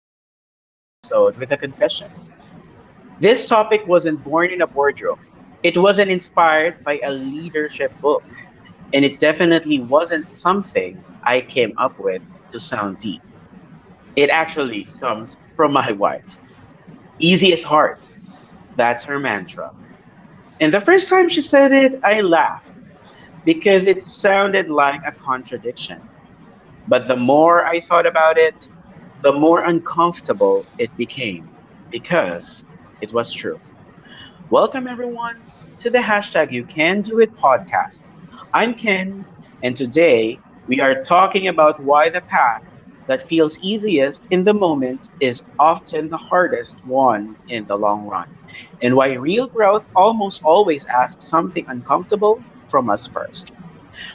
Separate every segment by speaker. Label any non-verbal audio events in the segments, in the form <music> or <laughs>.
Speaker 1: start today's episode with a confession. This topic wasn't born in a boardroom. It wasn't inspired by a leadership book. And it definitely wasn't something I came up with to sound deep. It actually comes from my wife. Easy as hard. That's her mantra. And the first time she said it, I laughed because it sounded like a contradiction. But the more I thought about it, the more uncomfortable it became because it was true. Welcome, everyone, to the hashtag You Can Do It podcast. I'm Ken, and today we are talking about why the path that feels easiest in the moment is often the hardest one in the long run, and why real growth almost always asks something uncomfortable from us first.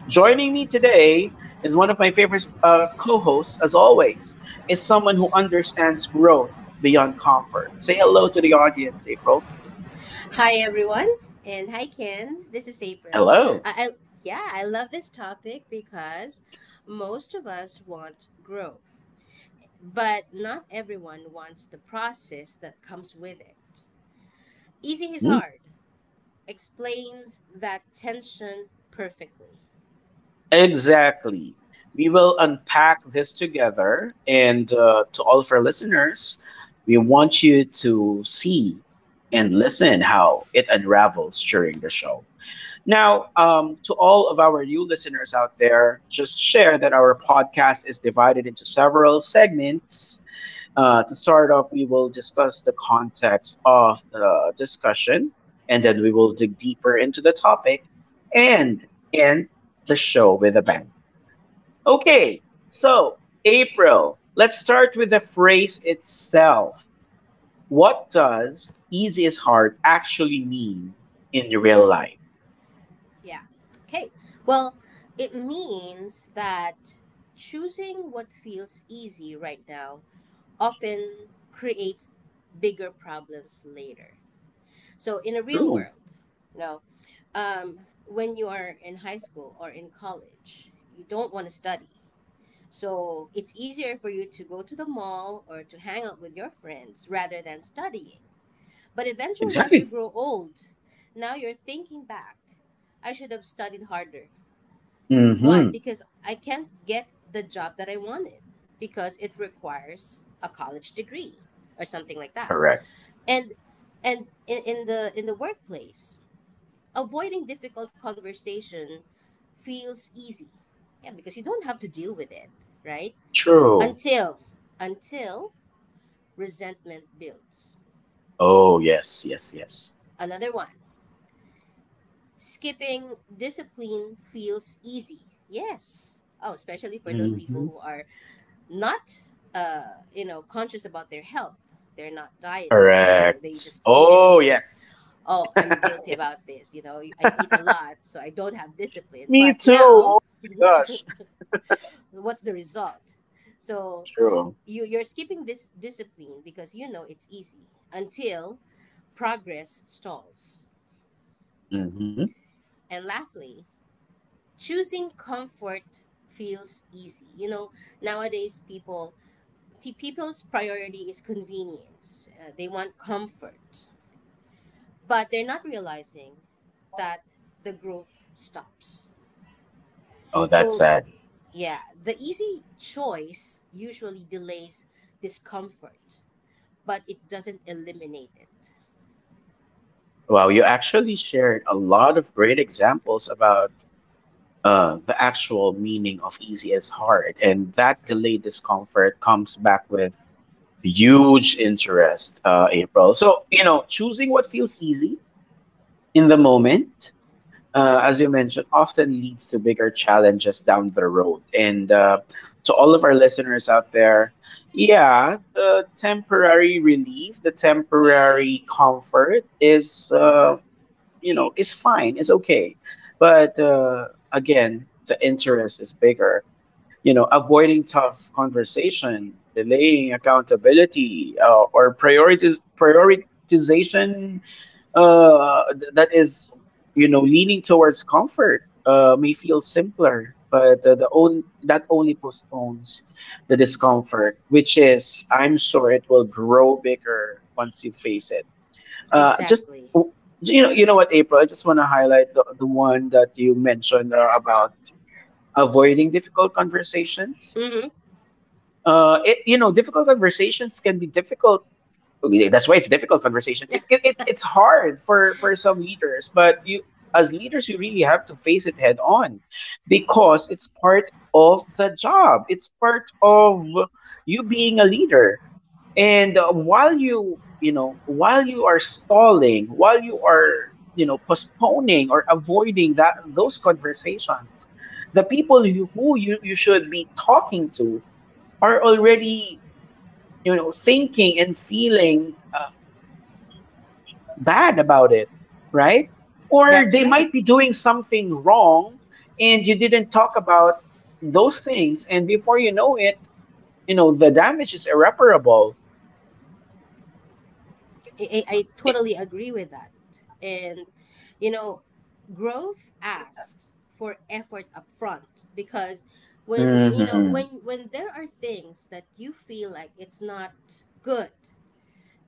Speaker 1: Joining me today is one of my favorite co hosts, as always, is someone who understands growth beyond comfort. Say hello to the audience, April.
Speaker 2: Hi everyone, and hi Ken. This is April.
Speaker 1: Hello.
Speaker 2: I yeah, I love this topic because most of us want growth, but not everyone wants the process that comes with it. Easy is
Speaker 1: Hmm.
Speaker 2: hard explains that tension perfectly.
Speaker 1: Exactly. We will unpack this together. And to all of our listeners, we want you to see and listen how it unravels during the show. Now, to all of our new listeners out there, just share that our podcast is divided into several segments. To start off, we will discuss the context of the discussion, and then we will dig deeper into the topic and end the show with a bang. Okay, so April, let's start with the phrase itself. What does easy is hard actually mean in real life?
Speaker 2: Yeah. Okay. Well, it means that choosing what feels easy right now often creates bigger problems later. So in a real
Speaker 1: True.
Speaker 2: world, you know, um, when you are in high school or in college, you don't want to study. So it's easier for you to go to the mall or to hang out with your friends rather than studying. But eventually, as you
Speaker 1: Exactly.
Speaker 2: grow old, now you're thinking back, I should have studied harder. Why?
Speaker 1: Mm-hmm.
Speaker 2: Because I can't get the job that I wanted because it requires a college degree or something like that.
Speaker 1: Correct.
Speaker 2: And and in, in the workplace, avoiding difficult conversation feels easy. Yeah, because you don't have to deal with it, right?
Speaker 1: True.
Speaker 2: Until until resentment builds.
Speaker 1: Oh, yes, yes, yes.
Speaker 2: Another one. Skipping discipline feels easy. Yes. Oh, especially for those people
Speaker 1: Mm-hmm.
Speaker 2: who are not you know, conscious about their health. They're not dieting. So they
Speaker 1: Correct.
Speaker 2: just eat and eat.
Speaker 1: Oh,
Speaker 2: They,
Speaker 1: yes.
Speaker 2: oh, I'm
Speaker 1: <laughs>
Speaker 2: guilty
Speaker 1: Yes.
Speaker 2: about this. You know, I eat a
Speaker 1: <laughs>
Speaker 2: lot, so I don't have discipline.
Speaker 1: Me
Speaker 2: But
Speaker 1: too.
Speaker 2: now
Speaker 1: Oh my
Speaker 2: <laughs>
Speaker 1: gosh.
Speaker 2: what's the result? So
Speaker 1: True.
Speaker 2: you're skipping this discipline because you know it's easy until progress stalls.
Speaker 1: Mm-hmm.
Speaker 2: And lastly, choosing comfort feels easy. You know, nowadays people, people's priority is convenience. They want comfort, but they're not realizing that the growth stops.
Speaker 1: Oh, that's
Speaker 2: So
Speaker 1: sad.
Speaker 2: yeah, the easy choice usually delays discomfort, but it doesn't eliminate it.
Speaker 1: Wow, you actually shared a lot of great examples about the actual meaning of easy is hard, and that delayed discomfort comes back with huge interest, April. So, you know, choosing what feels easy in the moment, as you mentioned, often leads to bigger challenges down the road. And to all of our listeners out there, yeah, the temporary relief, the temporary comfort is, you know, is fine, is okay. But again, the interest is bigger. You know, avoiding tough conversation, delaying accountability, or priorities prioritization, that is, you know, leaning towards comfort. May feel simpler, but the only that only postpones the discomfort, which is, I'm sure it will grow bigger once you face it. uh just
Speaker 2: Exactly.
Speaker 1: w- you know, you know what, April, I just want to highlight the one that you mentioned, about avoiding difficult conversations.
Speaker 2: Hmm.
Speaker 1: It, you know, difficult conversations can be difficult. Yeah, that's why it's a difficult conversation. It's hard for some leaders, but you, as leaders, you really have to face it head on because it's part of the job. It's part of you being a leader. And while you know, while you are stalling, while you are, you know, postponing or avoiding that those conversations, the people you, who you, you should be talking to are already, you know, thinking and feeling, bad about it, right? Or
Speaker 2: That's
Speaker 1: they
Speaker 2: right.
Speaker 1: might be doing something wrong and you didn't talk about those things. And before you know it, you know, the damage is irreparable.
Speaker 2: I totally agree with that. And, you know, growth asks for effort upfront, because when you know
Speaker 1: Hmm.
Speaker 2: when when there are things that you feel like it's not good,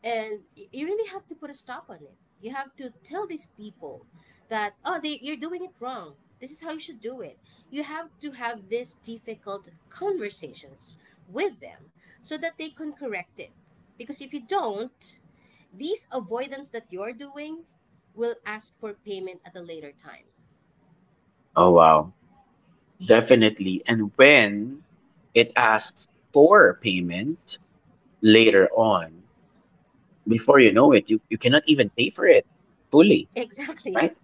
Speaker 2: and you really have to put a stop on it. You have to tell these people that, oh, you're doing it wrong, this is how you should do it. You have to have these difficult conversations with them so that they can correct it, because if you don't, these avoidance that you're doing will ask for payment at a later time.
Speaker 1: Oh, wow. Definitely. And when it asks for payment later on, before you know it, you cannot even pay for it fully,
Speaker 2: Exactly.
Speaker 1: right?
Speaker 2: <laughs>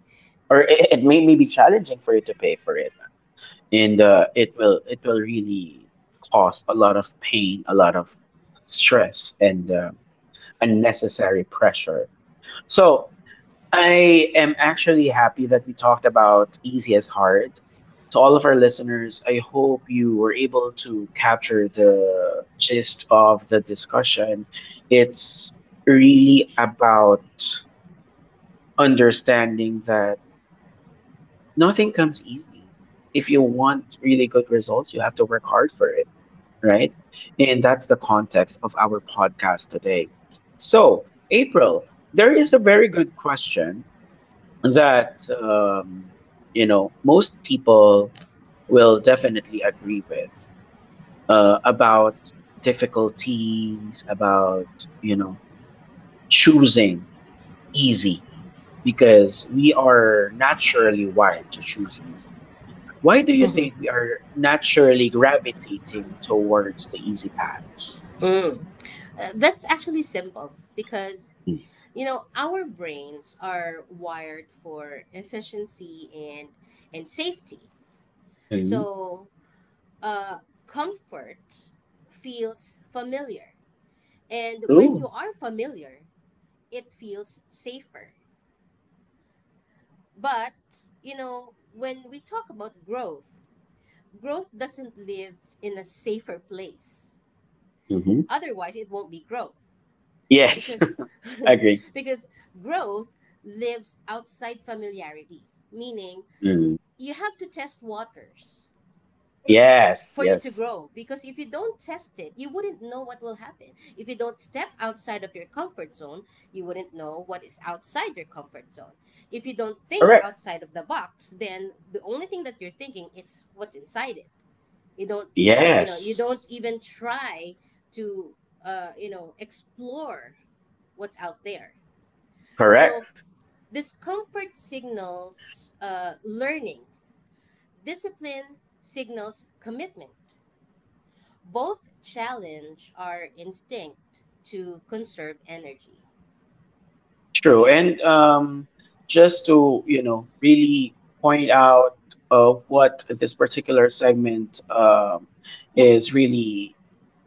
Speaker 1: Or it may be challenging for you to pay for it. And It will really cause a lot of pain, a lot of stress, and, unnecessary pressure. So I am actually happy that we talked about easy as hard. To all of our listeners, I hope you were able to capture the gist of the discussion. It's really about understanding that nothing comes easy. If you want really good results, you have to work hard for it, right? And that's the context of our podcast today. So, April, there is a very good question that, you know, most people will definitely agree with, about difficulties, about, you know, choosing easy, because we are naturally wired to choose easy. Why do you
Speaker 2: Mhm.
Speaker 1: think we are naturally gravitating towards the easy paths?
Speaker 2: Mm. That's actually simple because, you know, our brains are wired for efficiency and safety. So, uh, comfort feels familiar, and when
Speaker 1: Ooh.
Speaker 2: you are familiar, it feels safer. But you know, when we talk about growth, growth doesn't live in a safer place.
Speaker 1: Hmm.
Speaker 2: Otherwise, it won't be growth
Speaker 1: Yes,
Speaker 2: because
Speaker 1: <laughs> agree.
Speaker 2: <laughs> because growth lives outside familiarity, meaning
Speaker 1: Mm.
Speaker 2: you have to test waters
Speaker 1: Yes,
Speaker 2: for you to
Speaker 1: yes.
Speaker 2: grow, because if you don't test it, you wouldn't know what will happen. If you don't step outside of your comfort zone, you wouldn't know what is outside your comfort zone. If you don't think
Speaker 1: Correct.
Speaker 2: outside of the box, then the only thing that you're thinking, it's what's inside it. You don't, you know, you don't
Speaker 1: Yes.
Speaker 2: even try to you know, explore what's out there. So
Speaker 1: Correct.
Speaker 2: discomfort signals learning. Discipline signals commitment. Both challenge our instinct to conserve energy.
Speaker 1: True. And just to, you know, really point out, what this particular segment, is really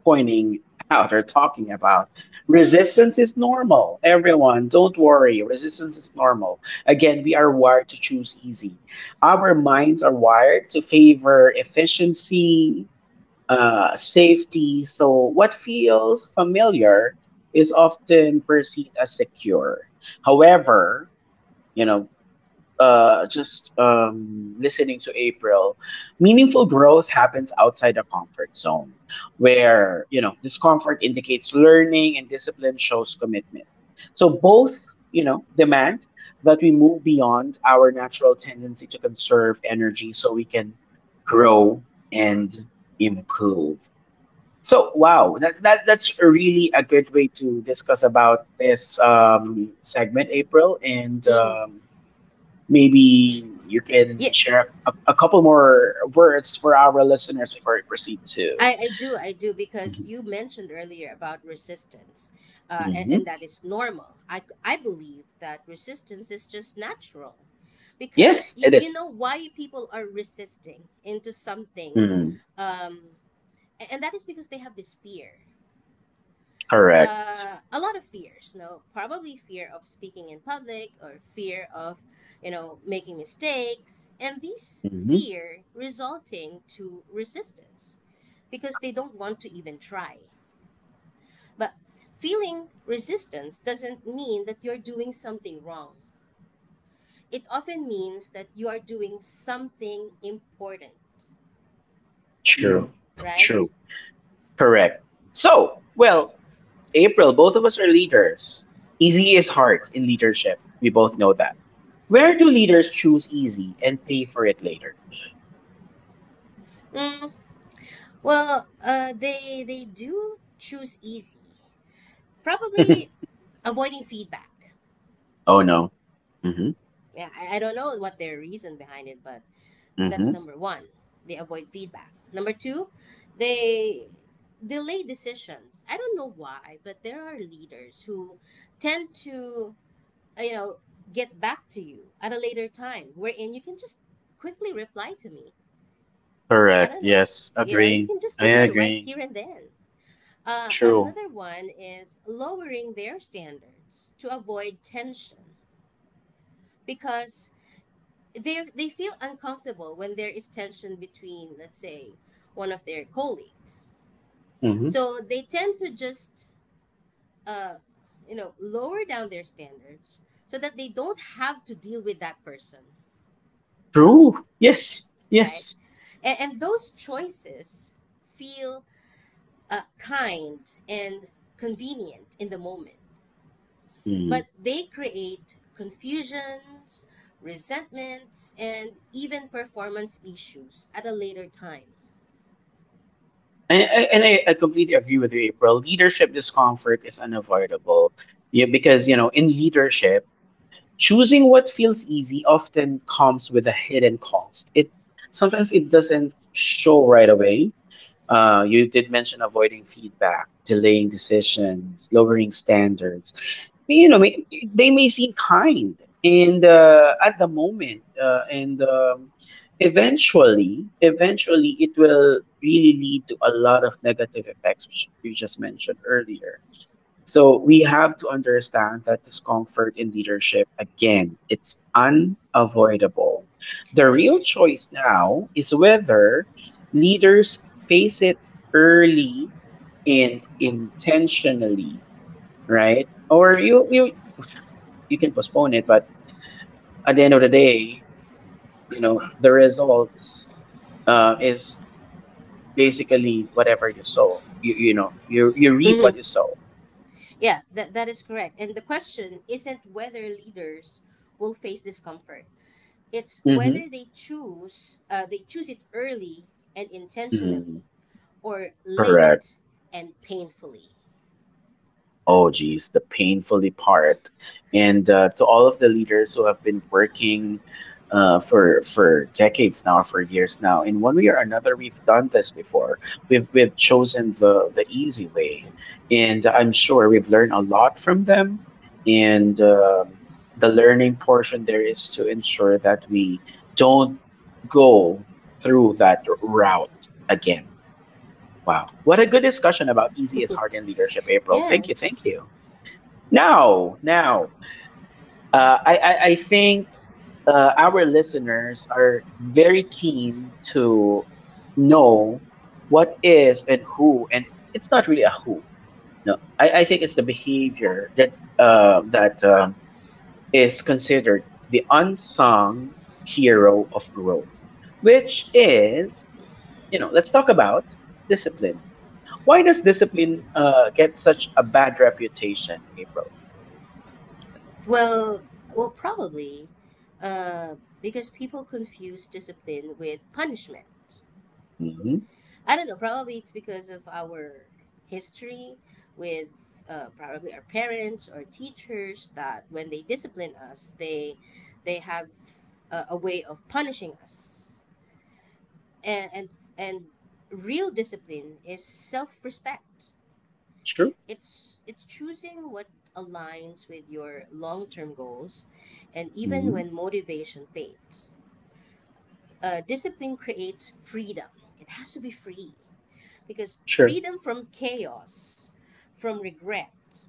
Speaker 1: pointing out or talking about, resistance is normal. Everyone, don't worry. Resistance is normal. Again, we are wired to choose easy. Our minds are wired to favor efficiency, safety. So, what feels familiar is often perceived as secure. However, you know, just listening to April, meaningful growth happens outside the comfort zone, where, you know, discomfort indicates learning and discipline shows commitment. So both, you know, demand that we move beyond our natural tendency to conserve energy so we can grow and improve. So wow, that's really a good way to discuss about this, segment, April, and
Speaker 2: Mm.
Speaker 1: um, maybe you can
Speaker 2: Yeah,
Speaker 1: share a couple more words for our listeners before we proceed to.
Speaker 2: I do, because
Speaker 1: Mhm.
Speaker 2: you mentioned earlier about resistance, and
Speaker 1: Mhm.
Speaker 2: that is normal. I believe that resistance is just natural because
Speaker 1: Yes, it
Speaker 2: you
Speaker 1: is.
Speaker 2: know why people are resisting into something,
Speaker 1: Mm,
Speaker 2: um, and that is because they have this fear.
Speaker 1: correct.
Speaker 2: A lot of fears, no, probably fear of speaking in public or fear of, you know, making mistakes, and these
Speaker 1: Mhm.
Speaker 2: fear resulting to resistance because they don't want to even try. But feeling resistance doesn't mean that you're doing something wrong. It often means that you are doing something important,
Speaker 1: True.
Speaker 2: right?
Speaker 1: True. Correct. So well, April, both of us are leaders. Easy is hard in leadership. We both know that. Where do leaders choose easy and pay for it later?
Speaker 2: Mm, well, they do choose easy.
Speaker 1: <laughs>
Speaker 2: Probably avoiding feedback.
Speaker 1: Oh no. Mm. Mhm.
Speaker 2: Yeah, I don't know what their reason behind it, but
Speaker 1: Mm.
Speaker 2: that's
Speaker 1: Mhm.
Speaker 2: number one. They avoid feedback. Number two, they delay decisions. I don't know why, but there are leaders who tend to, you know, get back to you at a later time, wherein you can just quickly reply to me. I
Speaker 1: Correct.
Speaker 2: don't
Speaker 1: Yes.
Speaker 2: know, you
Speaker 1: Agree.
Speaker 2: can just
Speaker 1: I
Speaker 2: reply right
Speaker 1: agree.
Speaker 2: here and then.
Speaker 1: True.
Speaker 2: Another one is lowering their standards to avoid tension because they feel uncomfortable when there is tension between, let's say, one of their colleagues,
Speaker 1: Mm. Mhm.
Speaker 2: so they tend to just uh you know, lower down their standards so that they don't have to deal with that person,
Speaker 1: True. Yes.
Speaker 2: right?
Speaker 1: Yes.
Speaker 2: And those choices feel kind and convenient in the moment, but
Speaker 1: Mhm.
Speaker 2: they create confusions, resentments, and even performance issues at a later time.
Speaker 1: And I completely agree with you, April. Leadership discomfort is unavoidable. Yeah, because, you know, in leadership, choosing what feels easy often comes with a hidden cost. It Sometimes it doesn't show right away. You did mention avoiding feedback, delaying decisions, lowering standards, you know, they may seem kind and, at the moment, and eventually, eventually, it will really lead to a lot of negative effects, which you just mentioned earlier. So we have to understand that discomfort in leadership, again, it's unavoidable. The real
Speaker 2: Yes.
Speaker 1: choice now is whether leaders face it early and intentionally, right? Or you you can postpone it, but at the end of the day, you know, the results, is basically whatever you sow. You know, you reap
Speaker 2: Hmm.
Speaker 1: what you sow.
Speaker 2: Yeah, that, that is correct. And the question isn't whether leaders will face discomfort. It's
Speaker 1: Mm-hmm.
Speaker 2: whether they choose it early and
Speaker 1: Mm-hmm.
Speaker 2: intentionally, or late and painfully.
Speaker 1: Oh, geez, the painfully part. And to all of the leaders who have been working, for decades now, for years now, in one way or another, we've done this before. We've chosen the easy way, and I'm sure we've learned a lot from them. And the learning portion there is to ensure that we don't go through that route again. Wow. What a good discussion about easy is hard in leadership, April.
Speaker 2: Yeah.
Speaker 1: Thank you. Thank you. Now, I think, our listeners are very keen to know what is and who, and it's not really a who. No, I think it's the behavior that, is considered the unsung hero of growth, which is, you know, let's talk about discipline. Why does discipline, get such a bad reputation, April?
Speaker 2: Well, well probably uh, because people confuse discipline with punishment.
Speaker 1: Hmm.
Speaker 2: I don't know. Probably it's because of our history with, probably our parents or teachers, that when they discipline us, they have a way of punishing us. And and and real discipline is self respect.
Speaker 1: True.
Speaker 2: It's choosing what aligns with your long term goals, and even when motivation fades, discipline creates freedom. It has to be free. Because
Speaker 1: Sure.
Speaker 2: freedom from chaos, from regret,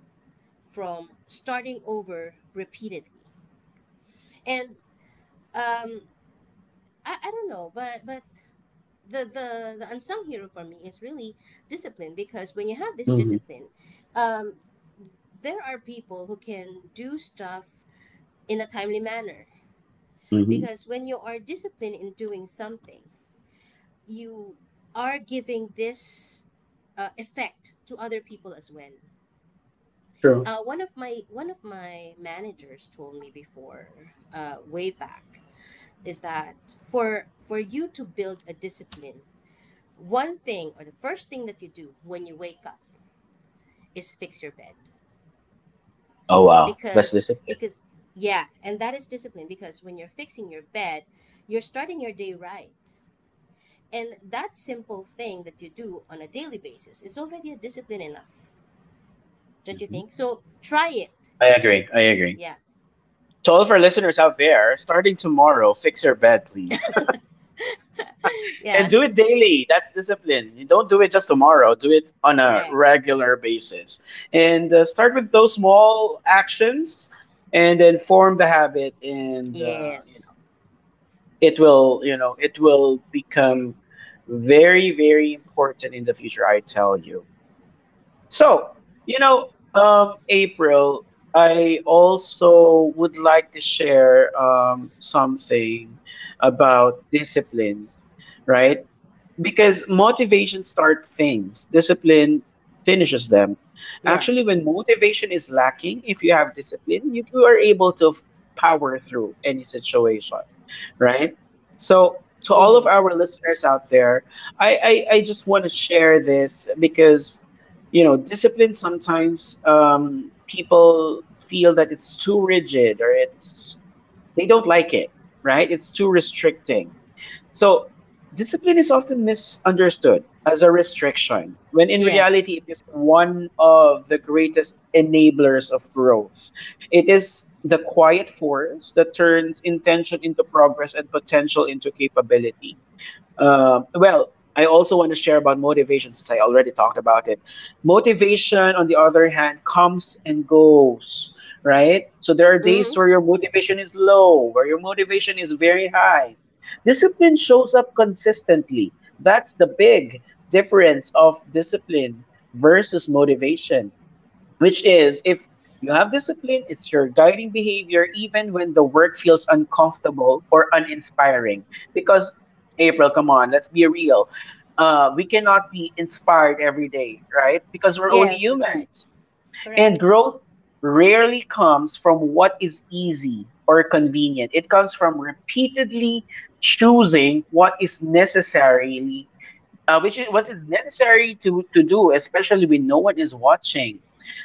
Speaker 2: from starting over repeatedly. And um, I don't know, but the, the unsung hero for me is really discipline, because when you have this
Speaker 1: Mhm,
Speaker 2: discipline, um, there are people who can do stuff in a timely manner.
Speaker 1: mhm.
Speaker 2: Because when you are disciplined in doing something, you are giving this effect to other people as well.
Speaker 1: True.
Speaker 2: One of my managers told me before, way back, is that for you to build a discipline, one thing or the first thing that you do when you wake up is fix your bed.
Speaker 1: Oh, wow. That's
Speaker 2: because
Speaker 1: discipline.
Speaker 2: because yeah, and that is discipline, because when you're fixing your bed, you're starting your day right, and that simple thing that you do on a daily basis is already a discipline enough. Don't you
Speaker 1: Mhm.
Speaker 2: think so? Try it.
Speaker 1: I agree. I agree.
Speaker 2: Yeah.
Speaker 1: To all of our listeners out there, starting tomorrow, fix your bed, please. <laughs>
Speaker 2: <laughs>
Speaker 1: And
Speaker 2: Yeah.
Speaker 1: do it daily. That's discipline. You don't do it just tomorrow, do it
Speaker 2: <laughs>
Speaker 1: on a
Speaker 2: Correct.
Speaker 1: regular basis. And Start with those small actions and then form the habit. And, you
Speaker 2: Yes.
Speaker 1: know, it will, you know, it will become very, very important in the future, I tell you. So, you know, April, I also would like to share, something about discipline, right? Because motivation starts things, discipline finishes them.
Speaker 2: Yeah.
Speaker 1: Actually, when motivation is lacking, if you have discipline, you are able to power through any situation, right? So, to all
Speaker 2: Mm-hmm.
Speaker 1: of our listeners out there, I just want to share this because, you know, discipline sometimes, people feel that it's too rigid or it's, they don't like it, right? It's too restricting, so, discipline is often misunderstood as a restriction, when in
Speaker 2: Yeah.
Speaker 1: reality, it is one of the greatest enablers of growth. It is the quiet force that turns intention into progress and potential into capability. Well, I also want to share about motivation since I already talked about it. Motivation, on the other hand, comes and goes, right? So there are
Speaker 2: Mm-hmm.
Speaker 1: days where your motivation is low, where your motivation is very high. Discipline shows up consistently. That's the big difference of discipline versus motivation, which is if you have discipline, it's your guiding behavior, even when the work feels uncomfortable or uninspiring. Because, April, come on, let's be real. We cannot be inspired every day, right? Because we're only
Speaker 2: Yes, that's right.
Speaker 1: humans. And
Speaker 2: Correct.
Speaker 1: growth rarely comes from what is easy or convenient, it comes from repeatedly choosing what is necessarily which is what is necessary to do, especially when no one is watching.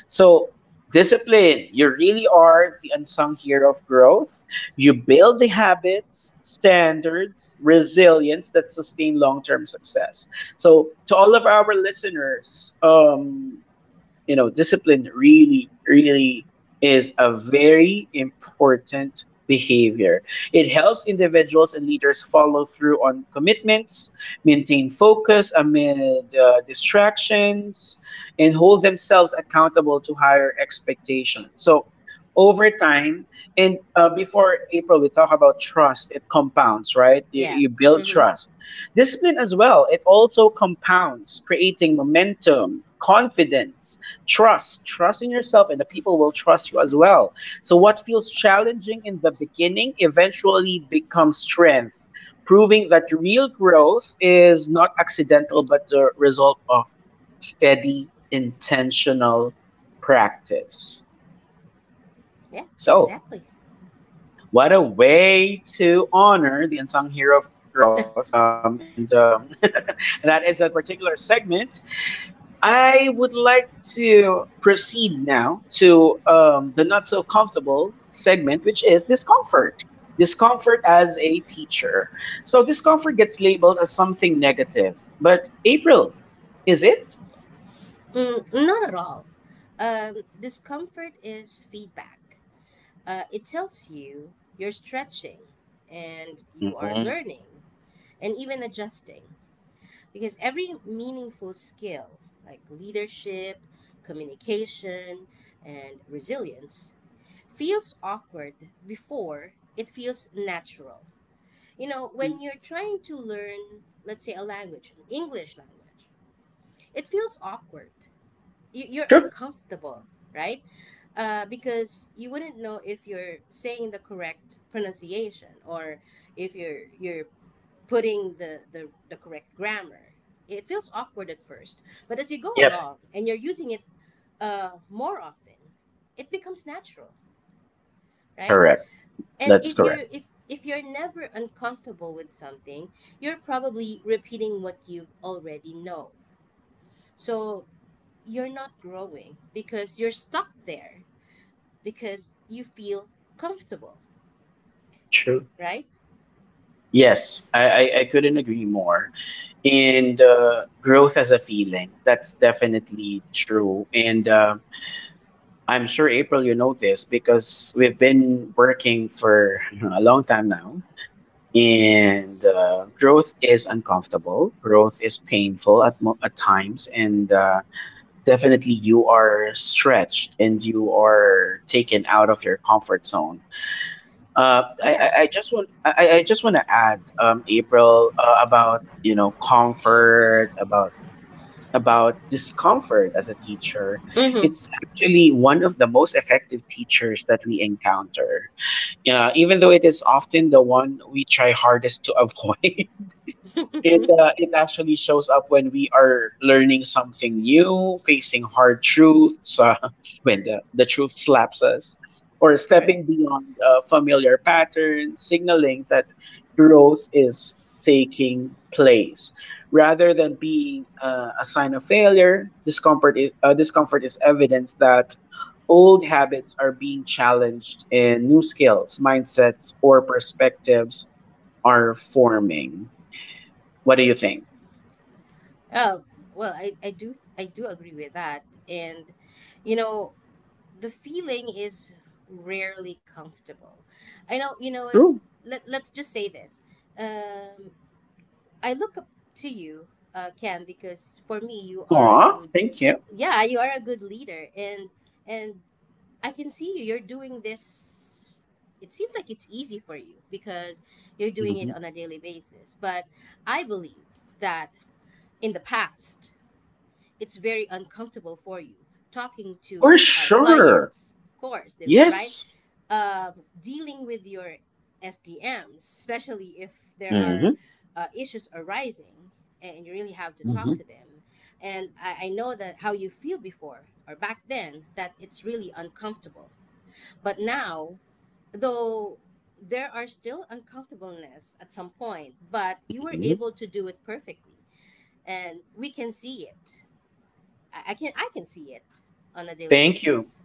Speaker 1: So discipline, you really are the unsung hero of growth. You build the habits, standards, resilience that sustain long term success. So to all of our listeners, discipline really, really is a very important behavior. It helps individuals and leaders follow through on commitments, maintain focus amid distractions, and hold themselves accountable to higher expectations. So, over time, and before April, we talk about trust. It compounds, right? You,
Speaker 2: Yeah.
Speaker 1: you build
Speaker 2: Mm-hmm.
Speaker 1: trust. Discipline as well, it also compounds, creating momentum, confidence, trust in yourself, and the people will trust you as well. So, what feels challenging in the beginning eventually becomes strength, proving that real growth is not accidental but the result of steady, intentional practice.
Speaker 2: Yeah,
Speaker 1: So,
Speaker 2: exactly.
Speaker 1: what a way to honor the unsung hero of growth. And <laughs> that is a particular segment. I would like to proceed now to the not so comfortable segment, which is discomfort. Discomfort as a teacher. So, discomfort gets labeled as something negative. But, April, is it?
Speaker 2: Mm, not at all. Discomfort is feedback. It tells you you're stretching and you are
Speaker 1: Mhm.
Speaker 2: learning and even adjusting, because every meaningful skill, like leadership, communication, and resilience, feels awkward before it feels natural. You know, when you're trying to learn, let's say, a language, an English language, it feels awkward. You're
Speaker 1: True.
Speaker 2: uncomfortable, right? Because you wouldn't know if you're saying the correct pronunciation, or if you're putting the, the correct grammar. It feels awkward at first, but as you go
Speaker 1: Yep,
Speaker 2: along and you're using it more often, it becomes natural, right?
Speaker 1: correct.
Speaker 2: And
Speaker 1: That's
Speaker 2: if you're,
Speaker 1: correct.
Speaker 2: if you're never uncomfortable with something, you're probably repeating what you already know. So you're not growing because you're stuck there, because you feel comfortable,
Speaker 1: True.
Speaker 2: right?
Speaker 1: Yes, I couldn't agree more. And growth as a feeling, that's definitely true. And I'm sure, April, you know this because we've been working for <laughs> a long time now, and growth is uncomfortable. Growth is painful at at times, and definitely you are stretched and you are taken out of your comfort zone.
Speaker 2: Yeah.
Speaker 1: I just want to add, April, about you know comfort about discomfort as a teacher.
Speaker 2: Mm-hmm.
Speaker 1: It's actually one of the most effective teachers that we encounter. Yeah, even though it is often the one we try hardest to <laughs> avoid. It actually shows up when we are learning something new, facing hard truths, <laughs> when the truth slaps us, or
Speaker 2: Correct.
Speaker 1: stepping beyond familiar patterns, signaling that growth is taking place. Rather than being a sign of failure, discomfort is evidence that old habits are being challenged and new skills, mindsets, or perspectives are forming. What do you think?
Speaker 2: Oh, well, I do agree with that. And you know, the feeling is rarely comfortable. I know, you know what,
Speaker 1: True.
Speaker 2: let's just say this. um I look up to you, Ken, because for me you are a
Speaker 1: Aw,
Speaker 2: good,
Speaker 1: thank you.
Speaker 2: yeah, you are a good leader, and I can see you. You're doing this. It seems like it's easy for you because you're doing it
Speaker 1: Hmm.
Speaker 2: on a daily basis. But I believe that in the past, it's very uncomfortable for you talking
Speaker 1: For
Speaker 2: to our
Speaker 1: sure.
Speaker 2: clients, of course, the, right?
Speaker 1: Yes.
Speaker 2: um, Dealing with your SDMs, especially if there are
Speaker 1: Hmm.
Speaker 2: issues arising and you really have to talk
Speaker 1: Hmm.
Speaker 2: to them. And I know that how you feel before or back then, that it's really uncomfortable. But now, though there are still uncomfortableness at some point, but you were
Speaker 1: Hmm.
Speaker 2: able to do it perfectly. And we can see it. I can see it on a daily
Speaker 1: Thank you.
Speaker 2: basis.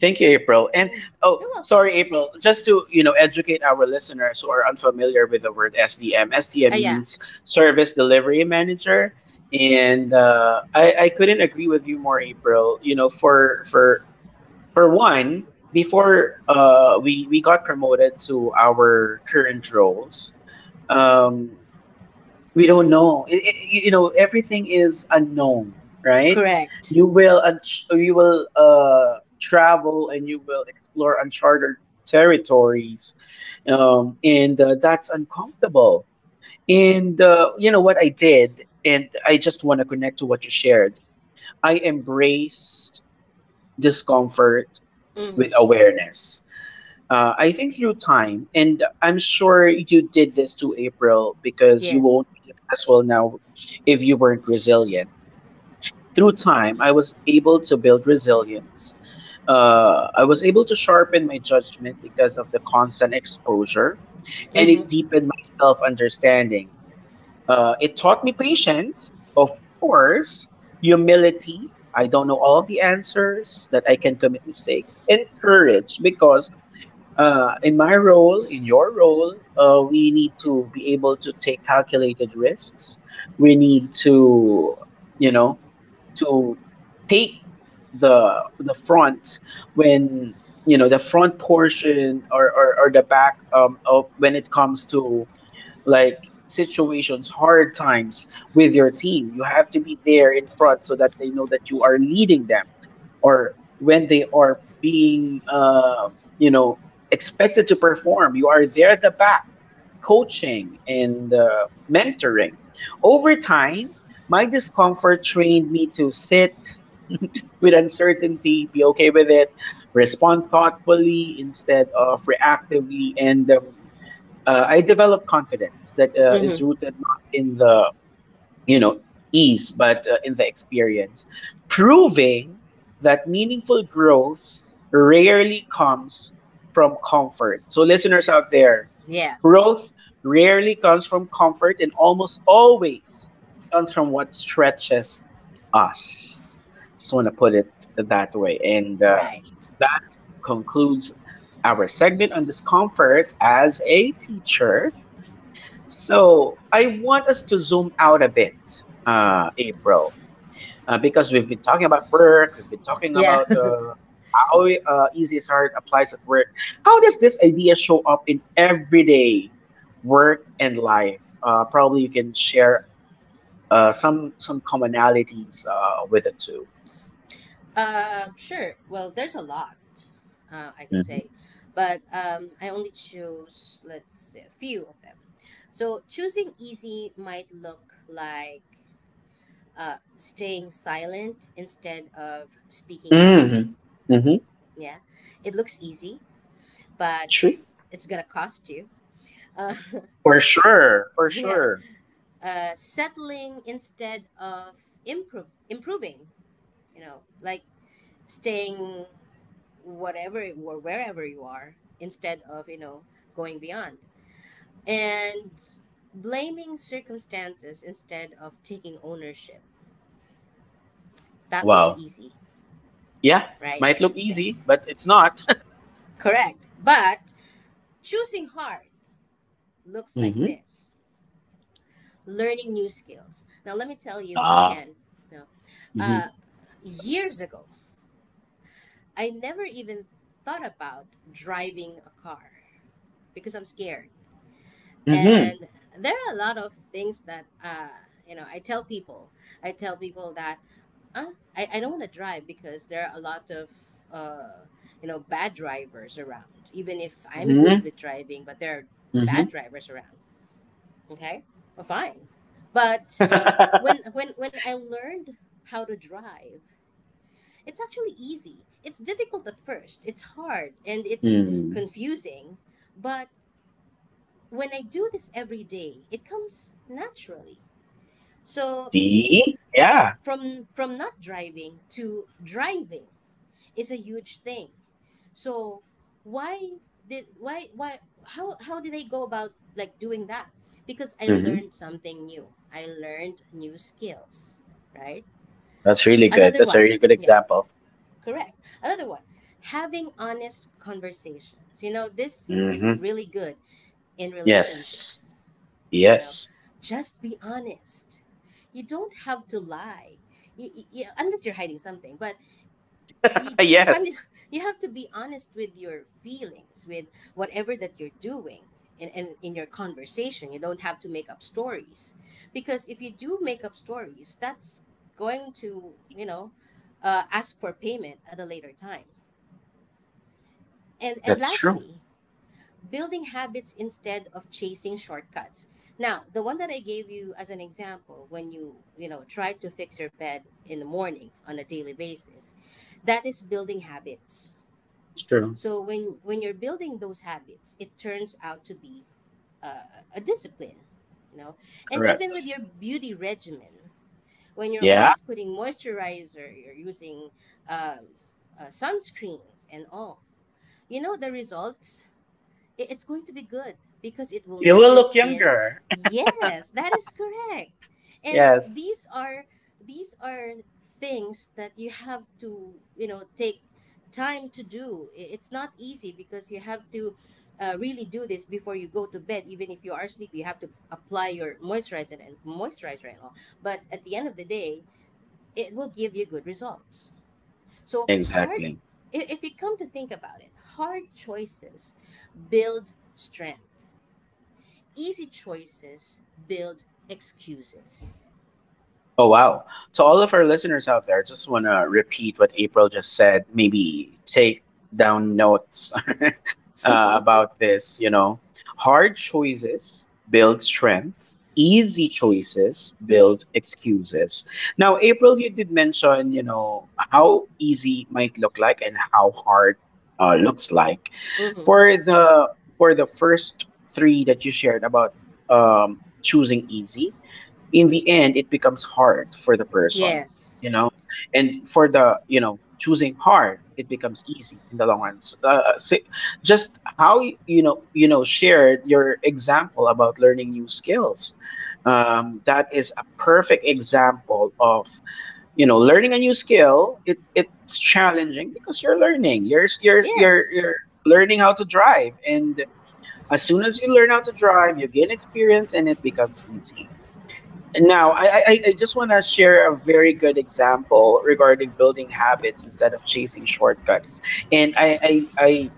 Speaker 1: Thank you, April. And oh,
Speaker 2: You're welcome.
Speaker 1: sorry, April. Just to educate our listeners who are unfamiliar with the word SDM.
Speaker 2: Ah
Speaker 1: SDM
Speaker 2: yeah,
Speaker 1: means Service Delivery Manager, and I couldn't agree with you more, April. You know, for one, before we got promoted to our current roles, um, we don't know it. Everything is unknown, right?
Speaker 2: correct.
Speaker 1: You will travel and you will explore uncharted territories. And that's uncomfortable. And you know what I did, and I just want to connect to what you shared. I embraced discomfort
Speaker 2: Hmm.
Speaker 1: with awareness. I think through time, and I'm sure you did this to April, because you
Speaker 2: Yes.
Speaker 1: won't be successful now if you weren't resilient. Through time, I was able to build resilience. I was able to sharpen my judgment because of the constant exposure, and it
Speaker 2: Mm-hmm.
Speaker 1: deepened my self understanding. It taught me patience, of course, humility. I don't know all of the answers, that I can commit mistakes, and courage because in my role, in your role, we need to be able to take calculated risks. We need you know, to take the front when the front portion or or the back of, when it comes to like situations, hard times with your team. You have to be there in front so that they know that you are leading them, or when they are being you know expected to perform you are there at the back coaching and mentoring. Over time, my discomfort trained me to sit with uncertainty, be okay with it, respond thoughtfully instead of reactively, and I developed confidence that is
Speaker 2: Mm-hmm.
Speaker 1: rooted not in the you know, ease, but in the experience, proving that meaningful growth rarely comes from comfort. So, listeners out there,
Speaker 2: Yeah.
Speaker 1: growth rarely comes from comfort and almost always comes from what stretches us. Just want to put it that way. And
Speaker 2: Right.
Speaker 1: that concludes our segment on discomfort as a teacher. So I want us to zoom out a bit, April, because we've been talking about work, we've been talking
Speaker 2: Yeah.
Speaker 1: about
Speaker 2: <laughs>
Speaker 1: how easy is hard applies at work. How does this idea show up in everyday work and life? Probably you can share some commonalities with the two.
Speaker 2: Um. Sure. Well, there's a lot. I could
Speaker 1: Mm-hmm.
Speaker 2: say, but I only chose, let's say, a few of them. So choosing easy might look like staying silent instead of speaking up.
Speaker 1: Mm-hmm. Mm-hmm.
Speaker 2: Yeah, it looks easy,
Speaker 1: True.
Speaker 2: but it's gonna cost you. Uh, <laughs>
Speaker 1: For
Speaker 2: s-
Speaker 1: sure. For
Speaker 2: yeah,
Speaker 1: sure.
Speaker 2: settling instead of improve improving. You know, like staying whatever or wherever you are instead of going beyond and blaming circumstances instead of taking ownership. That looks
Speaker 1: Wow.
Speaker 2: easy,
Speaker 1: Yeah.
Speaker 2: right?
Speaker 1: Might look
Speaker 2: Yeah,
Speaker 1: easy, but it's not. <laughs>
Speaker 2: correct. But choosing hard looks like
Speaker 1: Mm-hmm.
Speaker 2: this: learning new skills. Now let me tell you,
Speaker 1: Ah.
Speaker 2: Ken, no, uh years ago I never even thought about driving a car because I'm scared.
Speaker 1: Mhm.
Speaker 2: And there are a lot of things that you know i tell people I tell people that uh, I don't want to drive because there are a lot of uh bad drivers around, even if I'm good
Speaker 1: Mhm.
Speaker 2: with driving, but there are bad
Speaker 1: Mhm.
Speaker 2: drivers around. Okay, well, fine, but when
Speaker 1: <laughs>
Speaker 2: when when I learned how to drive, it's actually easy. It's difficult at first, it's hard and it's
Speaker 1: Hmm.
Speaker 2: confusing, but when I do this every day, it comes naturally. So you see,
Speaker 1: See? Yeah.
Speaker 2: from not driving to driving is a huge thing. So why did why how did I go about like doing that? Because I
Speaker 1: Mhm.
Speaker 2: learned something new. I learned new skills, right?
Speaker 1: That's really good.
Speaker 2: Another
Speaker 1: That's a
Speaker 2: one.
Speaker 1: really good
Speaker 2: Yeah,
Speaker 1: example.
Speaker 2: correct. Another one. Having honest conversations. You know, this is
Speaker 1: Mhm.
Speaker 2: really good in
Speaker 1: Yes.
Speaker 2: relationships. You know,
Speaker 1: Yes.
Speaker 2: just be honest, you don't have to lie. Unless you're hiding something, but you
Speaker 1: <laughs>
Speaker 2: just
Speaker 1: Yes.
Speaker 2: <laughs> you have to be honest with your feelings, with whatever that you're doing. And in your conversation you don't have to make up stories, because if you do make up stories, that's going to, ask for payment at a later time. And
Speaker 1: That's true.
Speaker 2: lastly, building habits instead of chasing shortcuts. Now, the one that I gave you as an example, when you know, try to fix your bed in the morning on a daily basis, that is building habits.
Speaker 1: It's true.
Speaker 2: So when you're building those habits, it turns out to be a discipline, you know. And even
Speaker 1: Correct.
Speaker 2: with your beauty regimen, when you're always
Speaker 1: Yeah.
Speaker 2: putting moisturizer, you're using um, sunscreens and all, you know the results, it's going to be good, because it will
Speaker 1: You
Speaker 2: make
Speaker 1: will
Speaker 2: your
Speaker 1: look
Speaker 2: skin.
Speaker 1: younger.
Speaker 2: Yes, that is correct.
Speaker 1: <laughs>
Speaker 2: And
Speaker 1: Yes.
Speaker 2: these are things that you have to, you know, take time to do. It's not easy because you have to really do this before you go to bed. Even if you are sleepy, you have to apply your moisturizer and moisturizer and all. But at the end of the day, it will give you good results. So hard,
Speaker 1: Exactly.
Speaker 2: if you come to think about it, hard choices build strength. Easy choices build excuses.
Speaker 1: Oh wow. To all of our listeners out there, just want to repeat what April just said. Maybe take down notes
Speaker 2: <laughs> Hmm.
Speaker 1: about this. Hard choices build strength, easy choices build excuses. Now, April, you did mention, how easy might look like and how hard looks like. For the for the first three that you shared about choosing easy, in the end it becomes hard for the person you
Speaker 2: Yes.
Speaker 1: know and for the choosing hard, it becomes easy in the long run. Just how y- you know shared your example about learning new skills, that is a perfect example of learning a new skill. It's challenging because you're learning you're s-
Speaker 2: Yes.
Speaker 1: you're learning how to drive, and as soon as you learn how to drive you gain experience and it becomes easy. Now, I just want to share a very good example regarding building habits instead of chasing shortcuts. And I, I, I,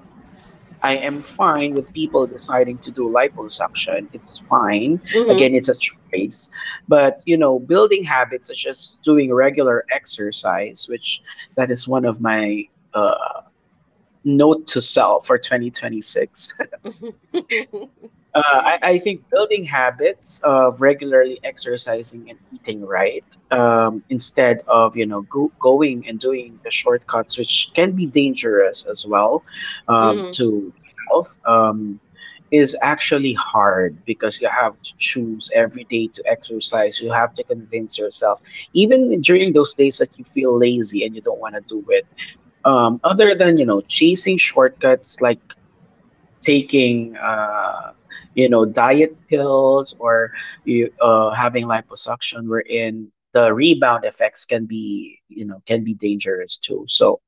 Speaker 1: I am fine with people deciding to do liposuction. It's fine.
Speaker 2: Hmm.
Speaker 1: Again, it's a choice. But, building habits such as doing regular exercise, which that is one of my note to self for 2026. I think building habits of regularly exercising and eating right, instead of going and doing the shortcuts, which can be dangerous as well,
Speaker 2: Hmm. <laughs>
Speaker 1: to health, is actually hard because you have to choose every day to exercise. You have to convince yourself, even during those days that you feel lazy and you don't want to do it. Other than chasing shortcuts like taking diet pills, or you having liposuction, wherein the rebound effects can be can be dangerous too. So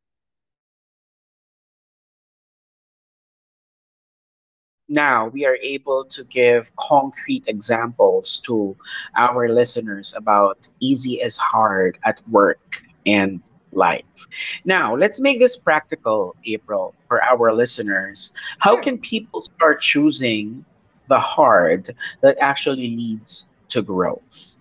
Speaker 1: it is
Speaker 2: Well,
Speaker 1: this is really good
Speaker 2: it's
Speaker 1: because
Speaker 2: good for you, and
Speaker 1: now we are
Speaker 2: it's
Speaker 1: able to give concrete examples to our listeners about easy is hard at work and life. Now, let's make this practical, April, for our listeners. How
Speaker 2: sure.
Speaker 1: can people start choosing the hard that actually leads to growth?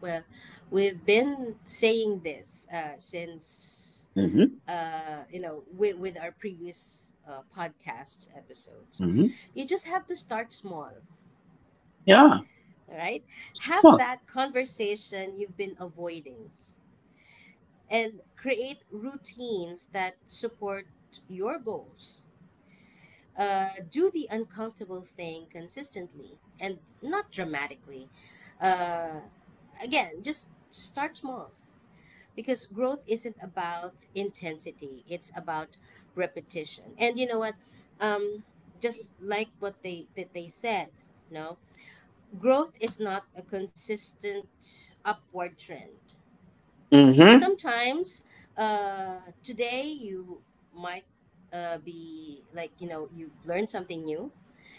Speaker 2: Well, we've been saying this since,
Speaker 1: Hmm.
Speaker 2: you know, with, our previous podcast episodes.
Speaker 1: Hmm.
Speaker 2: You just have to start small,
Speaker 1: Yeah,
Speaker 2: all right?
Speaker 1: start
Speaker 2: Have
Speaker 1: small.
Speaker 2: that conversation you've been avoiding and create routines that support your goals. Do the uncomfortable thing consistently and not dramatically. Uh, Again, just start small, because growth isn't about intensity, it's about repetition. And you know what, um just like what they said, no, growth is not a consistent upward trend.
Speaker 1: Hmm.
Speaker 2: Sometimes uh today you might be like, you know, you've learned something new,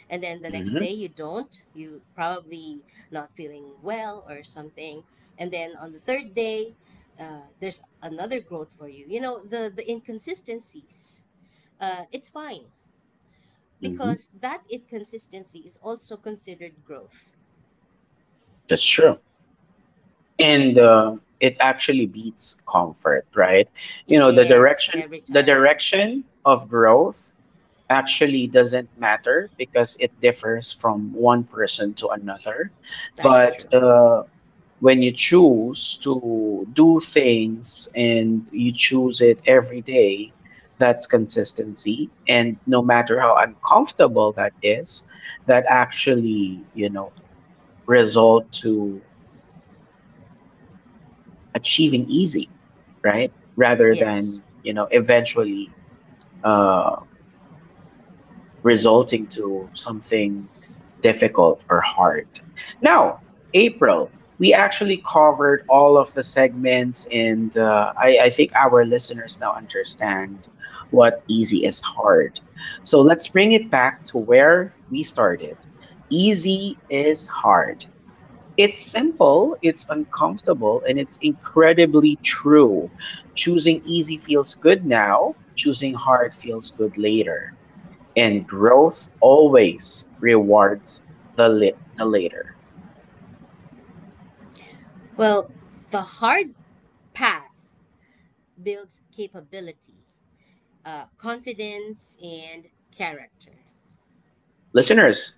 Speaker 2: and then the next
Speaker 1: Hmm.
Speaker 2: day you don't, you probably not feeling well or something, and then on the third day there's another growth for you. You know, the inconsistencies, it's fine,
Speaker 1: Hmm.
Speaker 2: because that inconsistency is also considered growth.
Speaker 1: That's true. And it actually beats comfort, right? You know, the
Speaker 2: Yes,
Speaker 1: direction,
Speaker 2: every
Speaker 1: the
Speaker 2: time.
Speaker 1: direction of growth actually doesn't matter because it differs from one person to another,
Speaker 2: That is
Speaker 1: but
Speaker 2: true.
Speaker 1: when you choose to do things and you choose it every day, that's consistency. And no matter how uncomfortable that is, that actually, result to achieving easy, right? Rather
Speaker 2: Yes.
Speaker 1: than, eventually uh resulting to something difficult or hard. Now, April, we actually covered all of the segments, and I think our listeners now understand what easy is hard. So let's bring it back to where we started. Easy is hard. It's simple, it's uncomfortable, and it's incredibly true. Choosing easy feels good now, choosing hard feels good later, and growth always rewards the later.
Speaker 2: Well, the hard path builds capability, confidence, and character.
Speaker 1: Listeners,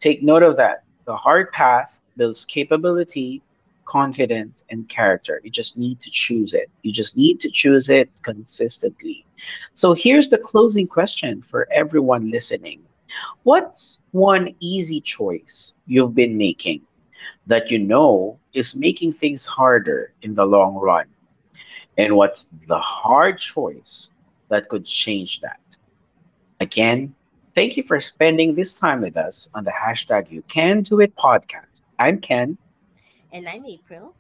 Speaker 1: take note of that. The hard path builds capability, confidence, and character. You just need to choose it. You just need to choose it consistently. So here's the closing question for everyone listening: what's one easy choice you've been making that you know is making things harder in the long run? And what's the hard choice that could change that? Again, thank you for spending this time with us on the #YouCanDoIt podcast. I'm Ken.
Speaker 2: And I'm April.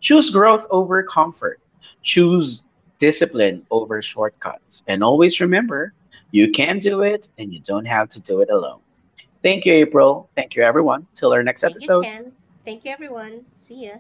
Speaker 1: Choose growth over comfort. Choose discipline over shortcuts. And always remember, you can do it, and you don't have to do it alone. Thank you, April. Thank you, everyone. Till our next
Speaker 2: Thank you,
Speaker 1: episode.
Speaker 2: Ken. Thank you, everyone. See ya.